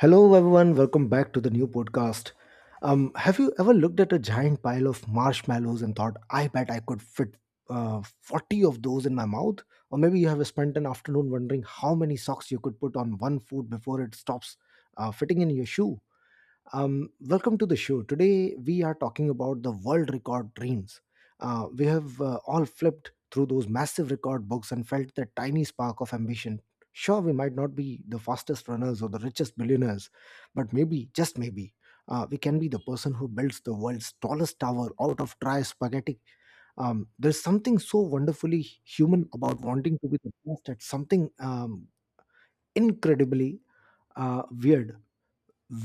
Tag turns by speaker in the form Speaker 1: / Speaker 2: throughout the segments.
Speaker 1: Hello, everyone. Welcome back to the new podcast. Have you ever looked at a giant pile of marshmallows and thought, I bet I could fit 40 of those in my mouth? Or maybe you have spent an afternoon wondering how many socks you could put on one foot before it stops fitting in your shoe. Welcome to the show. Today we are talking about the world record dreams. We have all flipped through those massive record books and felt that tiny spark of ambition. Sure, we might not be the fastest runners or the richest billionaires, but maybe, just maybe, we can be the person who builds the world's tallest tower out of dry spaghetti. There's something so wonderfully human about wanting to be the best at something, incredibly weird,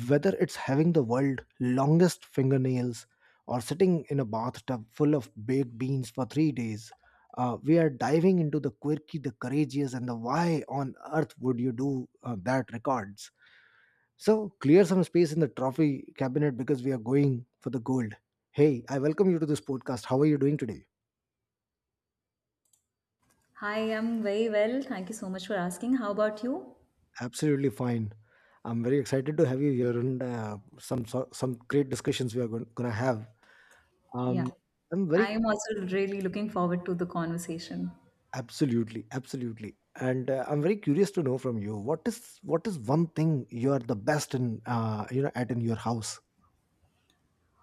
Speaker 1: whether it's having the world's longest fingernails or sitting in a bathtub full of baked beans for 3 days. Uh, we are diving into the quirky, the courageous, and the why on earth would you do that records. So clear some space in the trophy cabinet because we are going for the gold. Hey, I welcome you to this podcast. How are you doing today?
Speaker 2: Hi, I'm very well. Thank you so much for asking. How about you?
Speaker 1: Absolutely fine. I'm very excited to have you here, and some great discussions we are going to have.
Speaker 2: Yeah,
Speaker 1: Um, I'm very
Speaker 2: I'm also really looking forward to the conversation.
Speaker 1: Absolutely, absolutely. And I'm very curious to know from you, what is one thing you are the best in, you know, at in your house.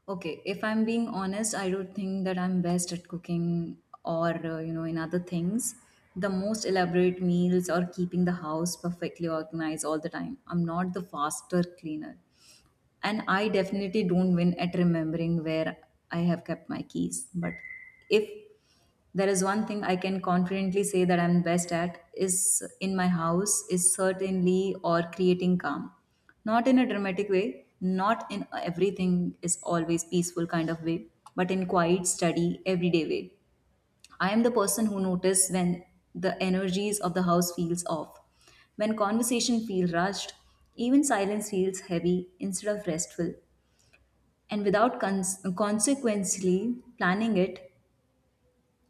Speaker 2: Okay, if I'm being honest, I don't think that I'm best at cooking or, in other things. The most elaborate meals or keeping the house perfectly organized all the time. I'm not the faster cleaner. And I definitely don't win at remembering where I have kept my keys, but if there is one thing I can confidently say that I'm best at is in my house, is certainly or creating calm, not in a dramatic way, not in everything is always peaceful kind of way, but in quiet steady everyday way. I am the person who notice when the energies of the house feels off. When conversation feels rushed, even silence feels heavy instead of restful. And without consequently planning it,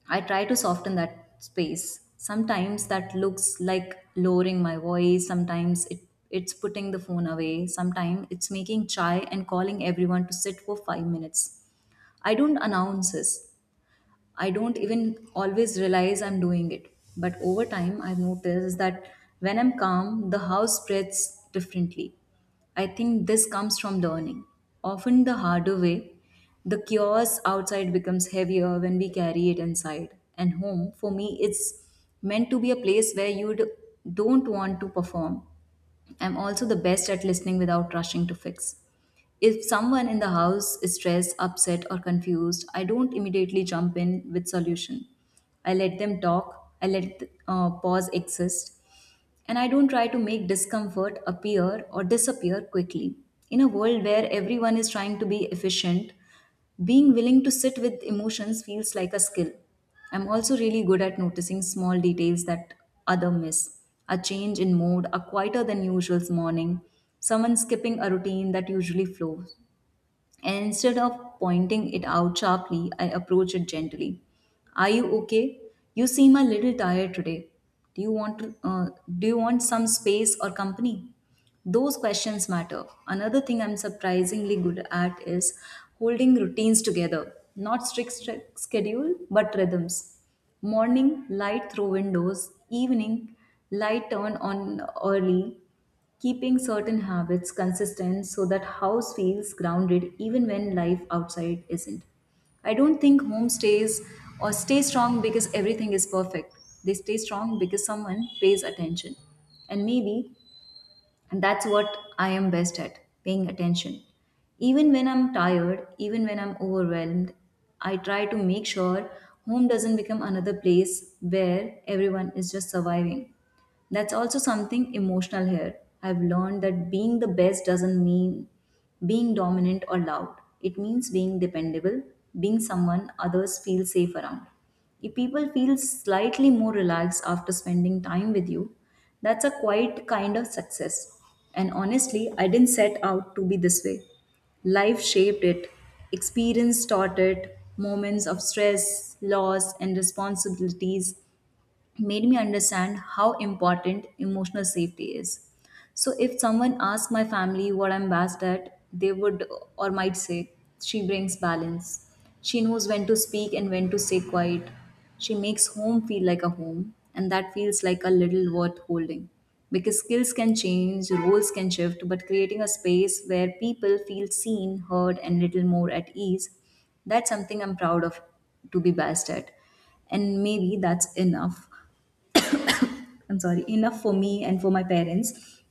Speaker 2: I try to soften that space. Sometimes that looks like lowering my voice, sometimes it's putting the phone away, sometimes it's making chai and calling everyone to sit for 5 minutes. I don't announce this. I don't even always realize I'm doing it. But over time, I've noticed that when I'm calm, the house spreads differently. I think this comes from learning. Often the harder way, the chaos outside becomes heavier when we carry it inside. And home, for me, it's meant to be a place where don't want to perform. I'm also the best at listening without rushing to fix. If someone in the house is stressed, upset, or confused, I don't immediately jump in with solution. I let them talk. I let pause exist, and I don't try to make discomfort appear or disappear quickly. In a world where everyone is trying to be efficient, being willing to sit with emotions feels like a skill. I'm also really good at noticing small details that other miss. A change in mood, a quieter than usual morning, someone skipping a routine that usually flows. And instead of pointing it out sharply, I approach it gently. Are you okay? You seem a little tired today. Do you want to, do you want some space or company? Those questions matter. Another thing I'm surprisingly good at is holding routines together. Not strict schedule, but rhythms. Morning, light through windows. Evening, light turn on early. Keeping certain habits consistent so that house feels grounded even when life outside isn't. I don't think home stays or stay strong because everything is perfect. They stay strong because someone pays attention. And maybe and that's what I am best at, paying attention. Even when I'm tired, even when I'm overwhelmed, I try to make sure home doesn't become another place where everyone is just surviving. That's also something emotional here. I've learned that being the best doesn't mean being dominant or loud. It means being dependable, being someone others feel safe around. If people feel slightly more relaxed after spending time with you, that's a quite kind of success. And honestly, I didn't set out to be this way. Life shaped it, experience taught it, moments of stress, loss, and responsibilities made me understand how important emotional safety is. So if someone asked my family what I'm best at, they would or might say, "She brings balance. She knows when to speak and when to stay quiet. She makes home feel like a home," and that feels like a little worth holding. Because skills can change, roles can shift, but creating a space where people feel seen, heard, and little more at ease, that's something I'm proud of to be best at. And maybe that's enough, I'm sorry, enough for me and for my parents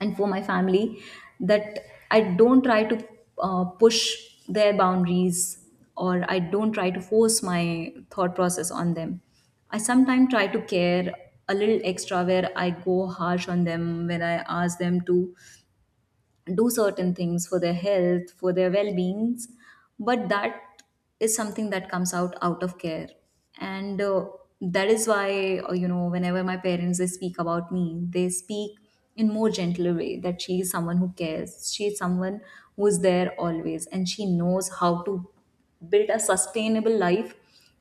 Speaker 2: and for my family, that I don't try to push their boundaries or I don't try to force my thought process on them. I sometimes try to care a little extra where I go harsh on them, when I ask them to do certain things for their health, for their well-beings, but that is something that comes out of care. And that is why whenever my parents they speak about me, they speak in more gentler way, that she is someone who cares, she is someone who is there always, and she knows how to build a sustainable life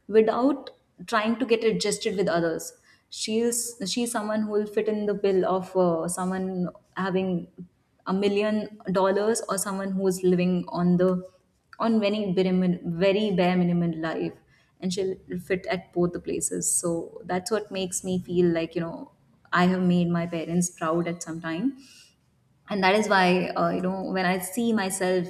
Speaker 2: without trying to get adjusted with others. She's someone who will fit in the bill of someone having $1 million or someone who's living on the on very bare, very bare minimum life, and she'll fit at both the places. So that's what makes me feel like, you know, I have made my parents proud at some time, and that is why when I see myself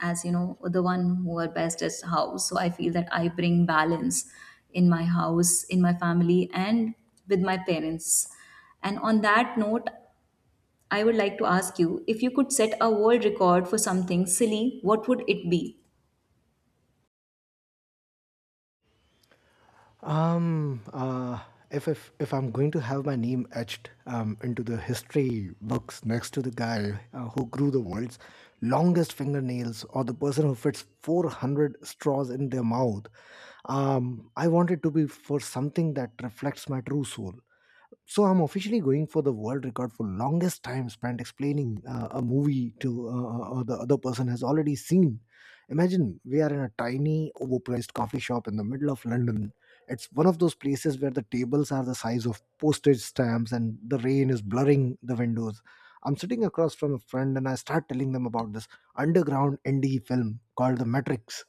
Speaker 2: as, you know, the one who are best at house, so I feel that I bring balance in my house, in my family, and with my parents. And on that note, I would like to ask you, if you could set a world record for something silly, what would it be?
Speaker 1: Um, uh, if I'm going to have my name etched into the history books next to the guy who grew the world's longest fingernails or the person who fits 400 straws in their mouth, I want it to be for something that reflects my true soul. So I'm officially going for the world record for longest time spent explaining a movie to or the other person has already seen. Imagine we are in a tiny, overpriced coffee shop in the middle of London. It's one of those places where the tables are the size of postage stamps and the rain is blurring the windows. I'm sitting across from a friend and I start telling them about this underground indie film called The Matrix.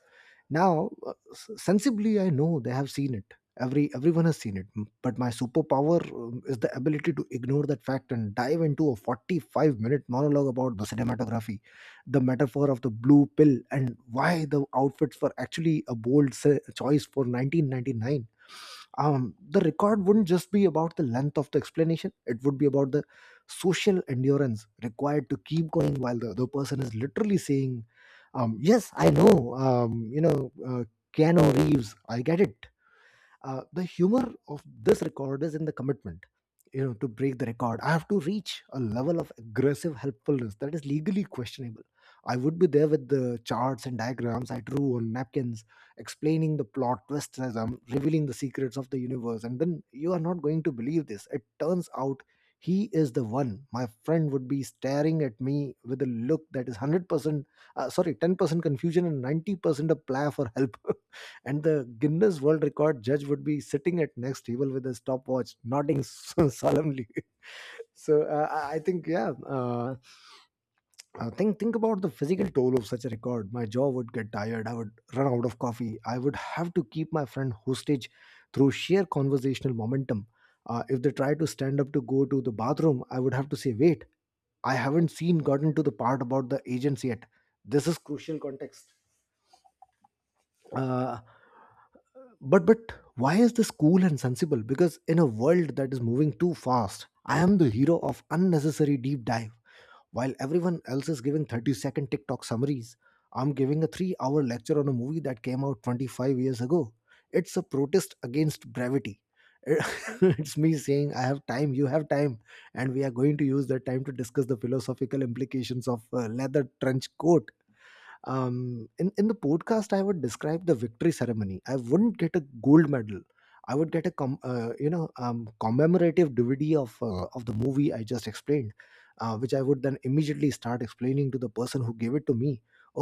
Speaker 1: Now, sensibly, I know they have seen it. Everyone has seen it. But my superpower is the ability to ignore that fact and dive into a 45-minute monologue about the cinematography, the metaphor of the blue pill, and why the outfits were actually a bold choice for 1999. Um, the record wouldn't just be about the length of the explanation, it would be about the social endurance required to keep going while the other person is literally saying, "Yes, I know. You know, Keanu Reeves. I get it." The humor of this record is in the commitment. You know, to break the record I have to reach a level of aggressive helpfulness that is legally questionable. I would be there with the charts and diagrams I drew on napkins, explaining the plot twists as I'm revealing the secrets of the universe. And then, you are not going to believe this, it turns out he is the one. My friend would be staring at me with a look that is 100%, sorry, 10% confusion and 90% a plea for help, and the Guinness World Record judge would be sitting at next table with a stopwatch, nodding so solemnly. So I think, yeah, think about the physical toll of such a record. My jaw would get tired. I would run out of coffee. I would have to keep my friend hostage through sheer conversational momentum. If they try to stand up to go to the bathroom, I would have to say, "Wait, I haven't seen gotten to the part about the agents yet. This is crucial context." uh, but why is this cool and sensible? Because in a world that is moving too fast, I am the hero of unnecessary deep dive. While everyone else is giving 30-second tiktok summaries, I'm giving a 3-hour lecture on a movie that came out 25 years ago. It's a protest against brevity. It's me saying, I have time, you have time, and we are going to use that time to discuss the philosophical implications of leather trench coat. In in the podcast, I would describe the victory ceremony. I wouldn't get a gold medal, I would get a you know, commemorative DVD of the movie I just explained, which I would then immediately start explaining to the person who gave it to me.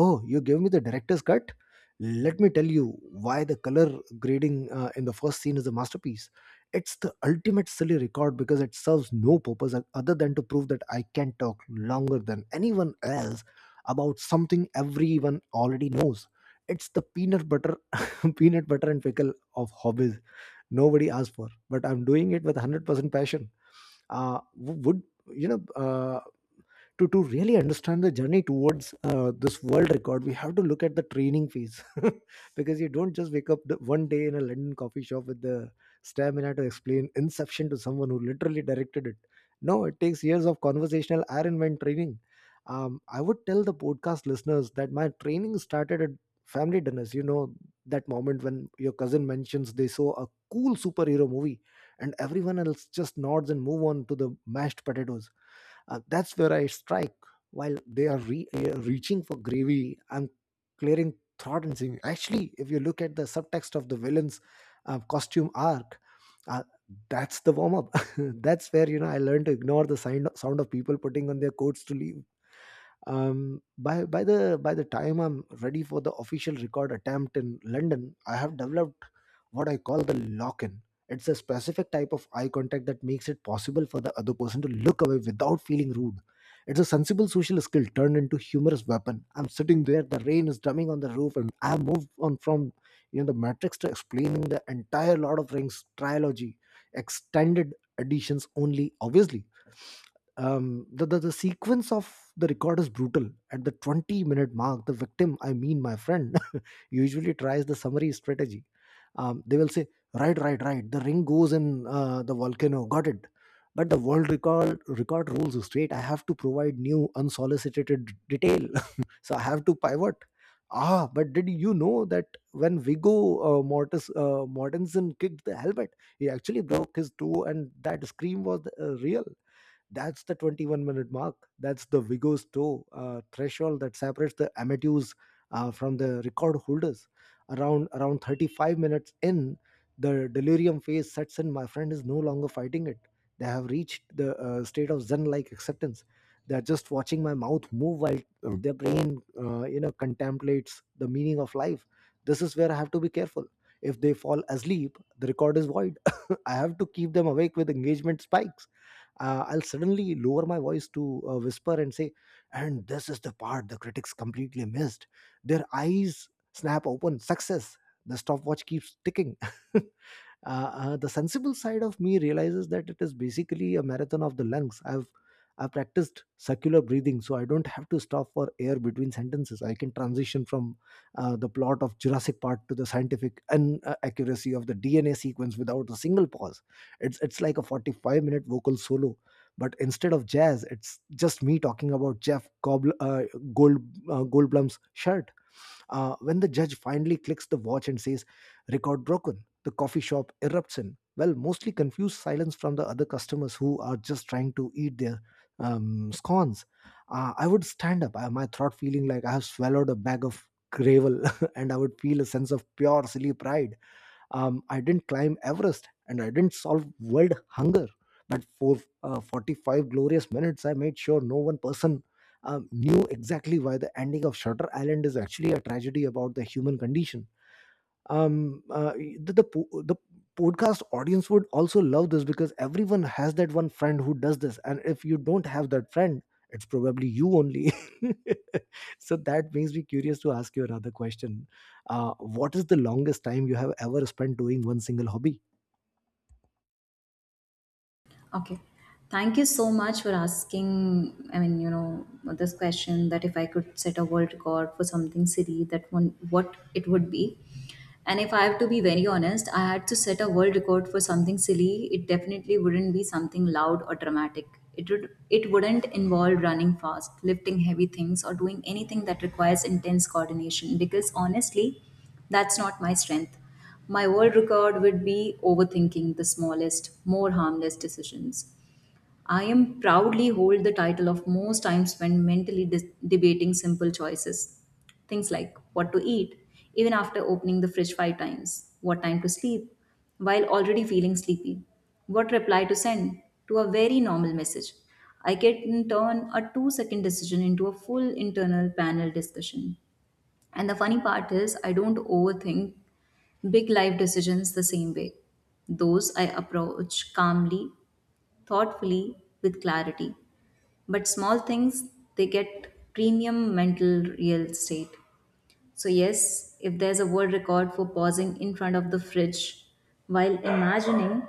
Speaker 1: Oh, you gave me the director's cut. Let me tell you why the color grading in the first scene is a masterpiece. It's the ultimate silly record because it serves no purpose other than to prove that I can talk longer than anyone else about something everyone already knows. It's the peanut butter, peanut butter and pickle of hobbies. Nobody asked for, but I'm doing it with 100% passion. Would you know? Uh, to really understand the journey towards this world record, we have to look at the training phase. Because you don't just wake up one day in a london coffee shop with the stamina to explain inception to someone who literally directed it. No, it takes years of conversational iron man training. I would tell the podcast listeners that my training started at family dinners. You know, that moment when your cousin mentions they saw a cool superhero movie and everyone else just nods and move on to the mashed potatoes. Uh, that's where I strike. While they are reaching for gravy, I'm clearing throat and singing. Actually, if you look at the subtext of the villain's costume arc, uh, that's the warm up. That's where, you know, I learned to ignore the sound of people putting on their coats to leave. By the by the time I'm ready for the official record attempt in London, I have developed what I call the lock-in. It's a specific type of eye contact that makes it possible for the other person to look away without feeling rude. It's a sensible social skill turned into humorous weapon. I'm sitting there, the rain is drumming on the roof, and I have moved on from, you know, the matrix to explaining the entire Lord of Rings trilogy, extended editions only, obviously. The sequence of the record is brutal. At the 20-minute mark, the victim, I mean my friend, usually tries the summary strategy. They will say, right, right, right, the ring goes in the volcano, got it. But the world record rules is straight. I have to provide new unsolicited detail, so I have to pivot. Ah, but did you know that when Vigo Mortis, Mortensen kicked the helmet, he actually broke his toe, and that scream was real. That's the 21-minute mark. That's the Vigo's toe threshold that separates the amateurs from the record holders. Around 35 minutes in, the delirium phase sets in. My friend is no longer fighting it. They have reached the state of zen-like acceptance. They're just watching my mouth move while their brain, you know, contemplates the meaning of life. This is where I have to be careful. If they fall asleep, the record is void. I have to keep them awake with engagement spikes. I'll suddenly lower my voice to whisper and say, and this is the part the critics completely missed. Their eyes snap open. Success. The stopwatch keeps ticking. The sensible side of me realizes that it is basically a marathon of the lungs. I've practiced circular breathing so I don't have to stop for air between sentences. I can transition from the plot of jurassic park to the scientific and accuracy of the DNA sequence without a single pause. It's like a 45-minute vocal solo, but instead of jazz, it's just me talking about jeff gold goldblum's shirt. Uh, when the judge finally clicks the watch and says, record broken, the coffee shop erupts in, well, mostly confused silence from the other customers who are just trying to eat their scones. I would stand up, my throat feeling like I have swallowed a bag of gravel, and I would feel a sense of pure silly pride. I didn't climb Everest and I didn't solve world hunger, but for 45 glorious minutes I made sure no one person knew exactly why the ending of Shutter Island is actually a tragedy about the human condition. The podcast audience would also love this because everyone has that one friend who does this, and if you don't have that friend, it's probably you only. So that makes me curious to ask you another question. What is the longest time you have ever spent doing one single hobby?
Speaker 2: Okay. Thank you so much for asking. I mean, you know, this question that if I could set a world record for something silly, that one, what it would be. And if I have to be very honest, I had to set a world record for something silly. It definitely wouldn't be something loud or dramatic. It wouldn't involve running fast, lifting heavy things, or doing anything that requires intense coordination. Because honestly, that's not my strength. My world record would be overthinking the smallest, more harmless decisions. I am proudly hold the title of most time spent mentally debating simple choices. Things like what to eat, even after opening the fridge five times, what time to sleep, while already feeling sleepy, what reply to send to a very normal message. I can turn a 2 second decision into a full internal panel discussion. And the funny part is, I don't overthink big life decisions the same way. Those I approach calmly, thoughtfully, with clarity. But small things, they get premium mental real estate. So, yes, if there's a word record for pausing in front of the fridge while imagining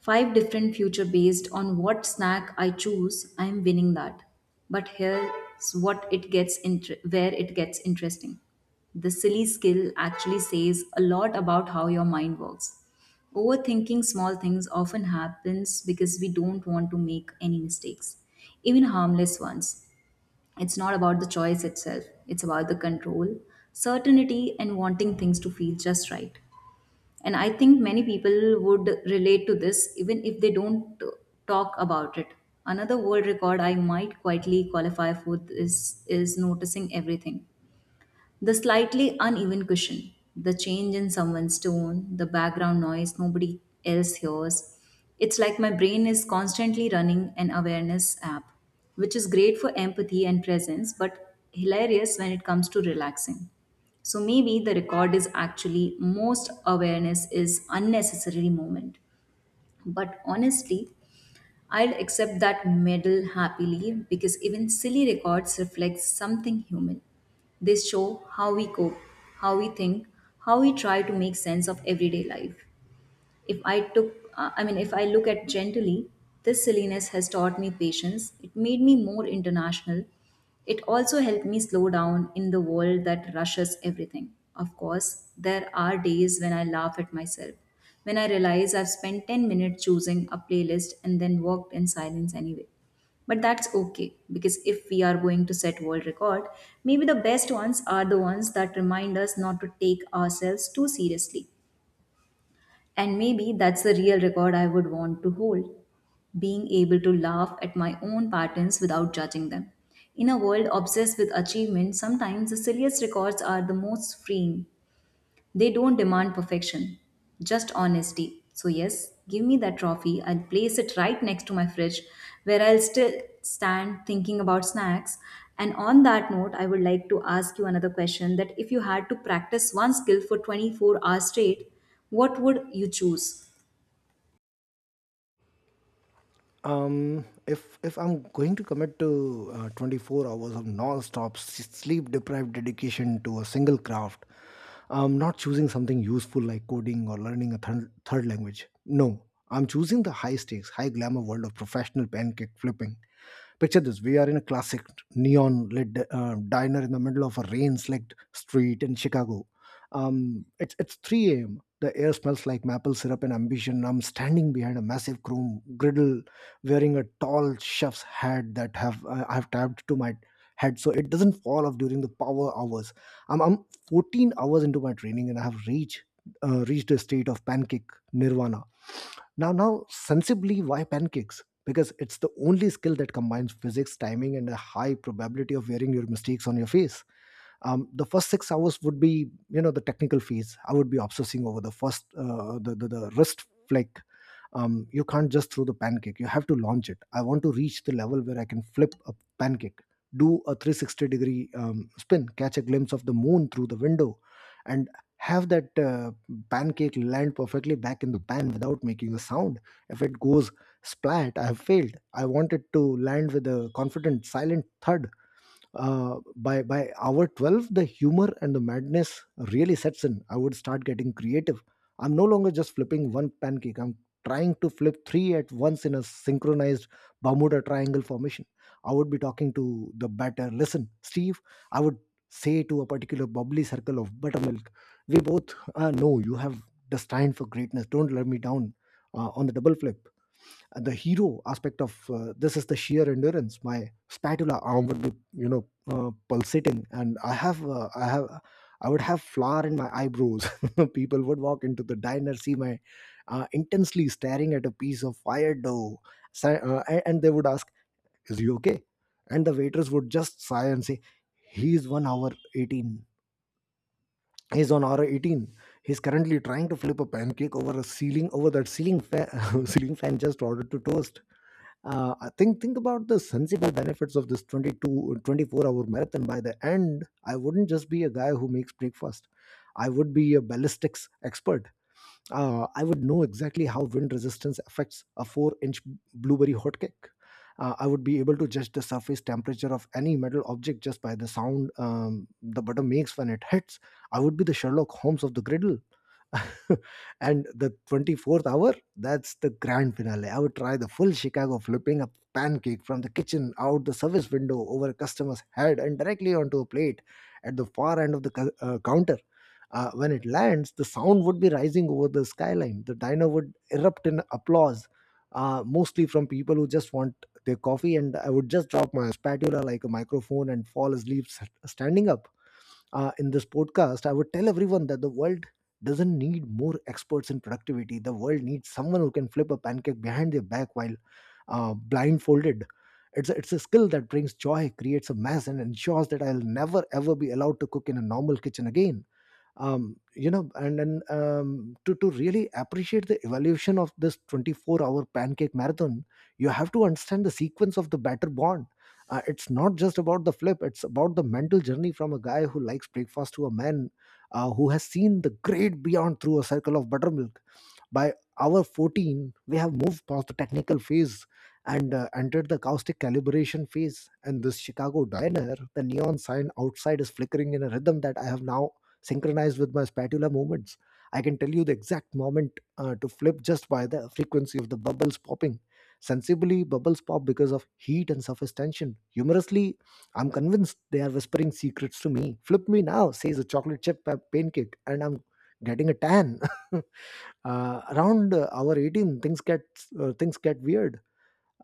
Speaker 2: five different future based on what snack I choose, I am winning that. But here's what it gets inter- where it gets interesting. The silly skill actually says a lot about how your mind works. Overthinking small things often happens because we don't want to make any mistakes, even harmless ones. It's not about the choice itself, it's about the control, certainty, and wanting things to feel just right. And I think many people would relate to this even if they don't talk about it. Another world record I might quietly qualify for this is noticing everything, the slightly uneven cushion, the change in someone's tone, the background noise nobody else hears. It's like my brain is constantly running an awareness app, which is great for empathy and presence, but hilarious when it comes to relaxing. So maybe the record is actually most awareness is unnecessary moment. But honestly, I'd accept that medal happily because even silly records reflect something human. They show how we cope, how we think, how we try to make sense of everyday life. If I took, I mean, If I look at gently, this silliness has taught me patience. It made me more international. It also helped me slow down in the world that rushes everything. Of course, there are days when I laugh at myself, when I realize I've spent 10 minutes choosing a playlist and then walked in silence anyway. But that's okay because if we are going to set world record, maybe the best ones are the ones that remind us not to take ourselves too seriously. And maybe that's the real record I would want to hold, being able to laugh at my own patterns without judging them. In a world obsessed with achievement, sometimes the silliest records are the most freeing. They don't demand perfection, just honesty. So, yes, give me that trophy. I'll place it right next to my fridge where I'll still stand thinking about snacks. And on that note, I would like to ask you another question, that if you had to practice one skill for 24 hours straight, what would you choose?
Speaker 1: If I'm going to commit to 24 hours of non-stop sleep deprived dedication to a single craft, I'm not choosing something useful like coding or learning a third language. No, I'm choosing the high stakes high glamour world of professional pancake flipping. Picture this: we are in a classic neon lit diner in the middle of a rain slicked street in Chicago. It's 3 a.m. The air smells like maple syrup and ambition. I'm standing behind a massive chrome griddle wearing a tall chef's hat that have I have tapped to my head so it doesn't fall off during the power hours. I'm 14 hours into my training and I have reached a state of pancake nirvana. Now, sensibly, why pancakes? Because it's the only skill that combines physics, timing, and a high probability of wearing your mistakes on your face. The first 6 hours would be, you know, the technical phase. I would be obsessing over the first the wrist flick. You can't just throw the pancake, you have to launch it. I want to reach the level where I can flip a pancake, do a 360 degree spin, catch a glimpse of the moon through the window, and have that pancake land perfectly back in the pan without making a sound. If it goes splat, I have failed. I want it to land with a confident silent thud. By hour 12 the humor and the madness really sets in. I would start getting creative. I'm no longer just flipping one pancake, I'm trying to flip three at once in a synchronized Bermuda triangle formation. I would be talking to the batter. Listen, Steve, I would say to a particular bubbly circle of buttermilk, we both know you have destined for greatness, don't let me down. On the double flip, the hero aspect of this is the sheer endurance. My spatula arm would be, you know, pulsating, and I would have flour in my eyebrows. People would walk into the diner, see my intensely staring at a piece of fire dough, and they would ask, is he okay? And the waitress would just sigh and say, he's 1 hour 18 he's on hour 18. He's currently trying to flip a pancake over a ceiling over that ceiling fan. Ceiling fan just ordered to toast. I think about the sensible benefits of this twenty four hour marathon. By the end, I wouldn't just be a guy who makes breakfast. I would be a ballistics expert. I would know exactly how wind resistance affects a four-inch blueberry hotcake. I would be able to judge the surface temperature of any metal object just by the sound the butter makes when it hits. I would be the Sherlock Holmes of the griddle. And the 24th hour, that's the grand finale. I would try the full Chicago, flipping a pancake from the kitchen out the service window over a customer's head and directly onto a plate at the far end of the counter. When it lands, the sound would be rising over the skyline. The diner would erupt in applause, mostly from people who just want their coffee. And I would just drop my spatula like a microphone and fall asleep standing up. In this podcast, I would tell everyone that the world doesn't need more experts in productivity. The world needs someone who can flip a pancake behind their back while blindfolded. It's a skill that brings joy, creates a mess, and ensures that I'll never ever be allowed to cook in a normal kitchen again. You know, and then, to really appreciate the evolution of this 24-hour pancake marathon, you have to understand the sequence of the batter bond. It's not just about the flip, it's about the mental journey from a guy who likes breakfast to a man who has seen the great beyond through a circle of buttermilk. By hour 14, we have moved past the technical phase and entered the caustic calibration phase. And this Chicago diner, the neon sign outside is flickering in a rhythm that I have now synchronized with my spatula movements. I can tell you the exact moment to flip just by the frequency of the bubbles popping. Sensibly, bubbles pop because of heat and surface tension. Humorously, I'm convinced they are whispering secrets to me. Flip me now, says a chocolate chip pancake, and I'm getting a tan. Around hour 18 things get weird.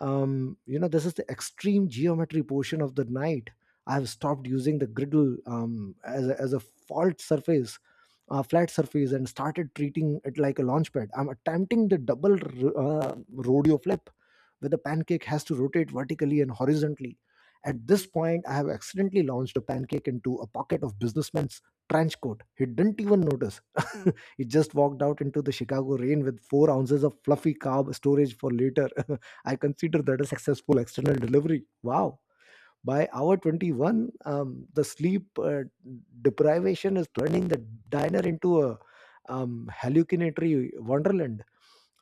Speaker 1: You know, this is the extreme geometry portion of the night. I have stopped using the griddle as a fault surface flat surface and started treating it like a launch pad. I'm attempting the double rodeo flip, where the pancake has to rotate vertically and horizontally. At this point I have accidentally launched a pancake into a pocket of businessman's trench coat. He didn't even notice. He just walked out into the Chicago rain with 4 ounces of fluffy carb storage for later. I consider that a successful external delivery. Wow. By hour 21, the sleep deprivation is turning the diner into a hallucinatory wonderland.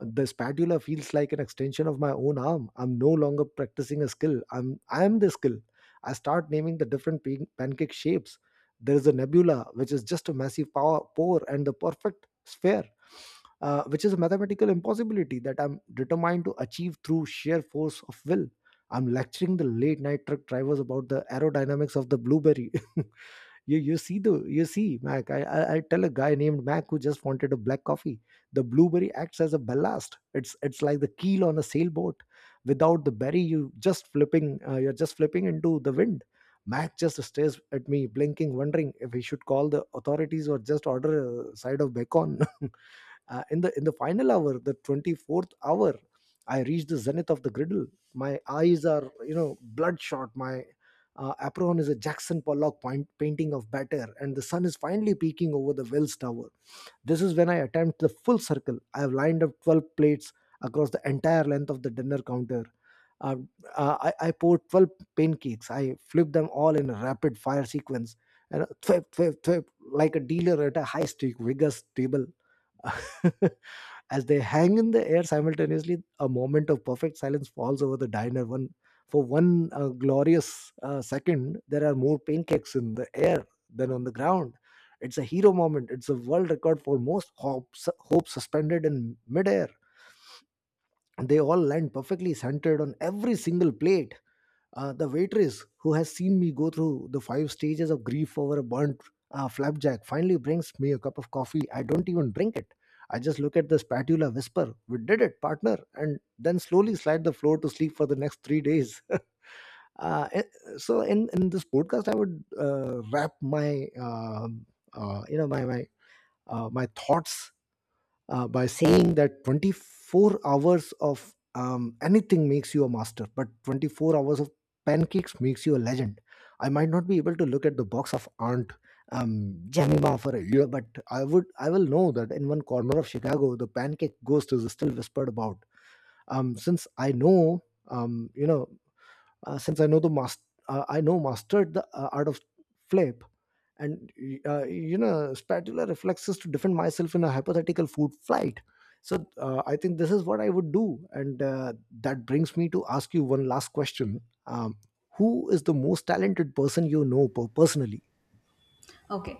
Speaker 1: The spatula feels like an extension of my own arm. I'm no longer practicing a skill. I am the skill. I start naming the different pancake shapes. There is a nebula, which is just a massive power pore, and the perfect sphere, which is a mathematical impossibility that I'm determined to achieve through sheer force of will. I'm lecturing the late night truck drivers about the aerodynamics of the blueberry. You see Mac. I tell a guy named Mac who just wanted a black coffee, the blueberry acts as a ballast. It's like the keel on a sailboat. Without the berry, you just flipping you're just flipping into the wind. Mac just stares at me, blinking, wondering if he should call the authorities or just order a side of bacon. In the final hour, the 24th hour, I reach the zenith of the griddle. My eyes are, you know, bloodshot. My apron is a Jackson Pollock point, painting of batter, and the sun is finally peeking over the Wells Tower. This is when I attempt the full circle. I have lined up 12 plates across the entire length of the dinner counter. Uh, I poured 12 pancakes. I flip them all in a rapid fire sequence, and thwip, thwip, thwip, like a dealer at a high stake Vegas table. As they hang in the air simultaneously, a moment of perfect silence falls over the diner. One for one glorious second, there are more pancakes in the air than on the ground. It's a hero moment. It's a world record for most hope suspended in midair. They all land perfectly centered on every single plate. The waitress, who has seen me go through the five stages of grief over a burnt flapjack, finally brings me a cup of coffee. I don't even drink it. I just look at the spatula, whisper, we did it, partner, and then slowly slide the floor to sleep for the next 3 days. Uh, eh, so in this podcast, I would wrap my, you know, my, my thoughts by saying that 24 hours of anything makes you a master, but 24 hours of pancakes makes you a legend. I might not be able to look at the box of Aunt Jemima for a year, but I will know that in one corner of Chicago, the pancake ghost is still whispered about. Since I know, you know, since I know the mas- I know mastered the art of flip, and you know, spatula reflexes to defend myself in a hypothetical food flight. So I think this is what I would do, and that brings me to ask you one last question: um, who is the most talented person you know personally?
Speaker 2: Okay.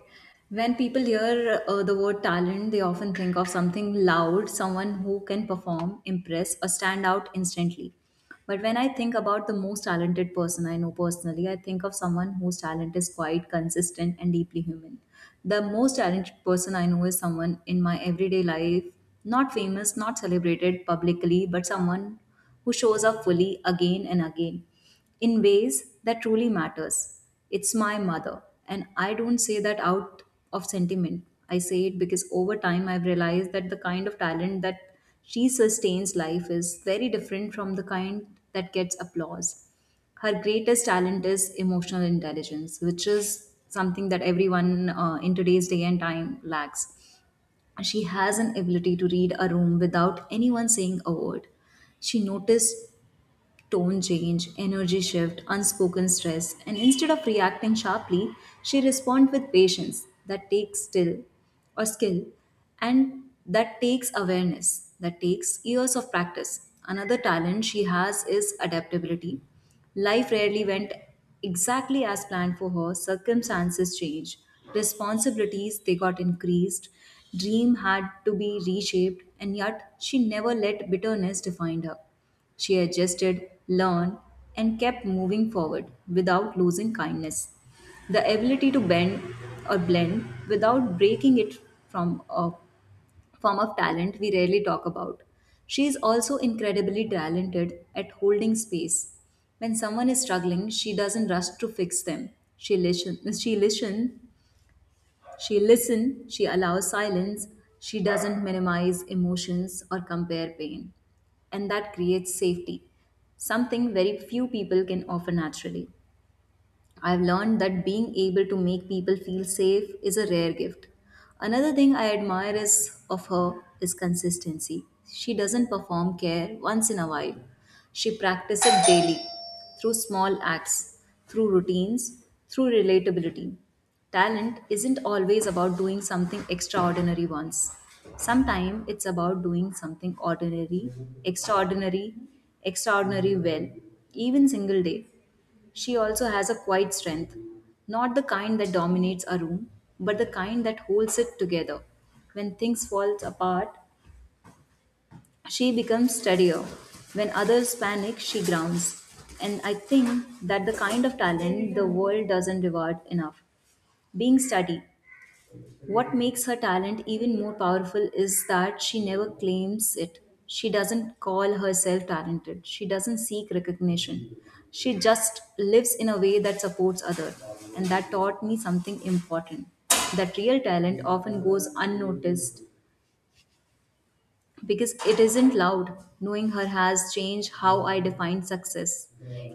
Speaker 2: When people hear the word talent, they often think of something loud, someone who can perform, impress, or stand out instantly. But when I think about the most talented person I know personally, I think of someone whose talent is quite consistent and deeply human. The most talented person I know is someone in my everyday life, not famous, not celebrated publicly, but someone who shows up fully again and again in ways that truly matters. It's my mother, and I don't say that out of sentiment. I say it because over time I've realized that the kind of talent that she sustains life is very different from the kind that gets applause. Her greatest talent is emotional intelligence, which is something that everyone in today's day and time lacks. She has an ability to read a room without anyone saying a word. She notices tone change, energy shift, unspoken stress, and instead of reacting sharply, she responds with patience that takes still or skill, and that takes awareness, that takes years of practice. Another talent she has is adaptability. Life rarely went exactly as planned for her, circumstances changed, responsibilities they got increased, dream had to be reshaped, and yet she never let bitterness define her. She adjusted, learned, and kept moving forward without losing kindness. The ability to bend or blend without breaking it from a form of talent we rarely talk about. She is also incredibly talented at holding space. When someone is struggling, she doesn't rush to fix them. She listens she listen she listens, she allows silence, she doesn't minimize emotions or compare pain. And that creates safety, something very few people can offer naturally. I've learned that being able to make people feel safe is a rare gift. Another thing I admire is of her is consistency. She doesn't perform care once in a while. She practices it daily, through small acts, through routines, through relatability. Talent isn't always about doing something extraordinary once. Sometimes it's about doing something ordinary, extraordinary, extraordinary well, even single day. She also has a quiet strength, not the kind that dominates a room, but the kind that holds it together. When things fall apart, she becomes steadier. When others panic, she grounds. And I think that the kind of talent the world doesn't reward enough. Being steady, what makes her talent even more powerful is that she never claims it. She doesn't call herself talented. She doesn't seek recognition. She just lives in a way that supports others. And that taught me something important, that real talent often goes unnoticed because it isn't loud. Knowing her has changed how I define success.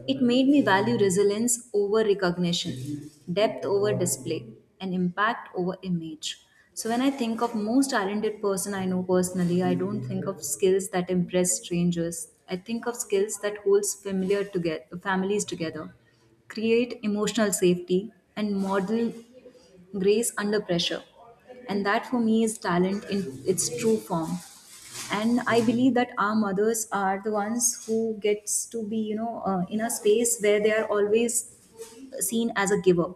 Speaker 2: It made me value resilience over recognition, depth over display, and impact over image. So when I think of most talented person I know personally, I don't think of skills that impress strangers. I think of skills that holds familiar together, families together, create emotional safety, and model grace under pressure. And that for me is talent in its true form. And I believe that our mothers are the ones who gets to be in a space where they are always seen as a giver,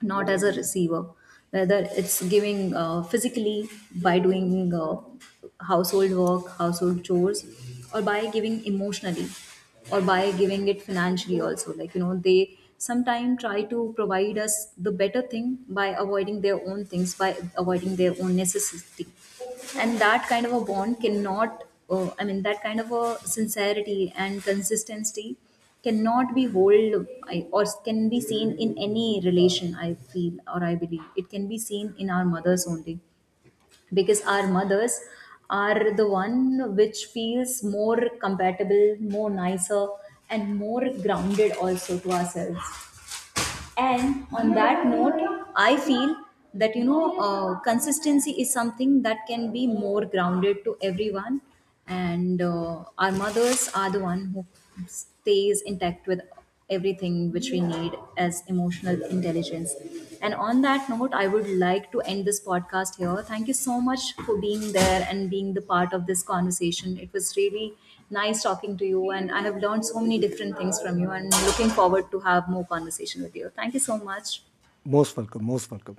Speaker 2: not as a receiver, whether it's giving physically, by doing household work, household chores, or by giving emotionally, or by giving it financially also, like they sometimes try to provide us the better thing by avoiding their own things, by avoiding their own necessity. And that kind of a bond cannot, I mean, that kind of a sincerity and consistency cannot be hold, or can be seen in any relation, I feel, or I believe it can be seen in our mothers only, because our mothers are the one which feels more compatible, more nicer, and more grounded also to ourselves. And on that note, I feel that consistency is something that can be more grounded to everyone, and our mothers are the one who stays intact with everything which we need as emotional intelligence. And on that note, I would like to end this podcast here. Thank you so much for being there and being the part of this conversation. It was really nice talking to you, and I have learned so many different things from you, and looking forward to have more conversation with you. Thank you so much.
Speaker 1: Most welcome. Most welcome.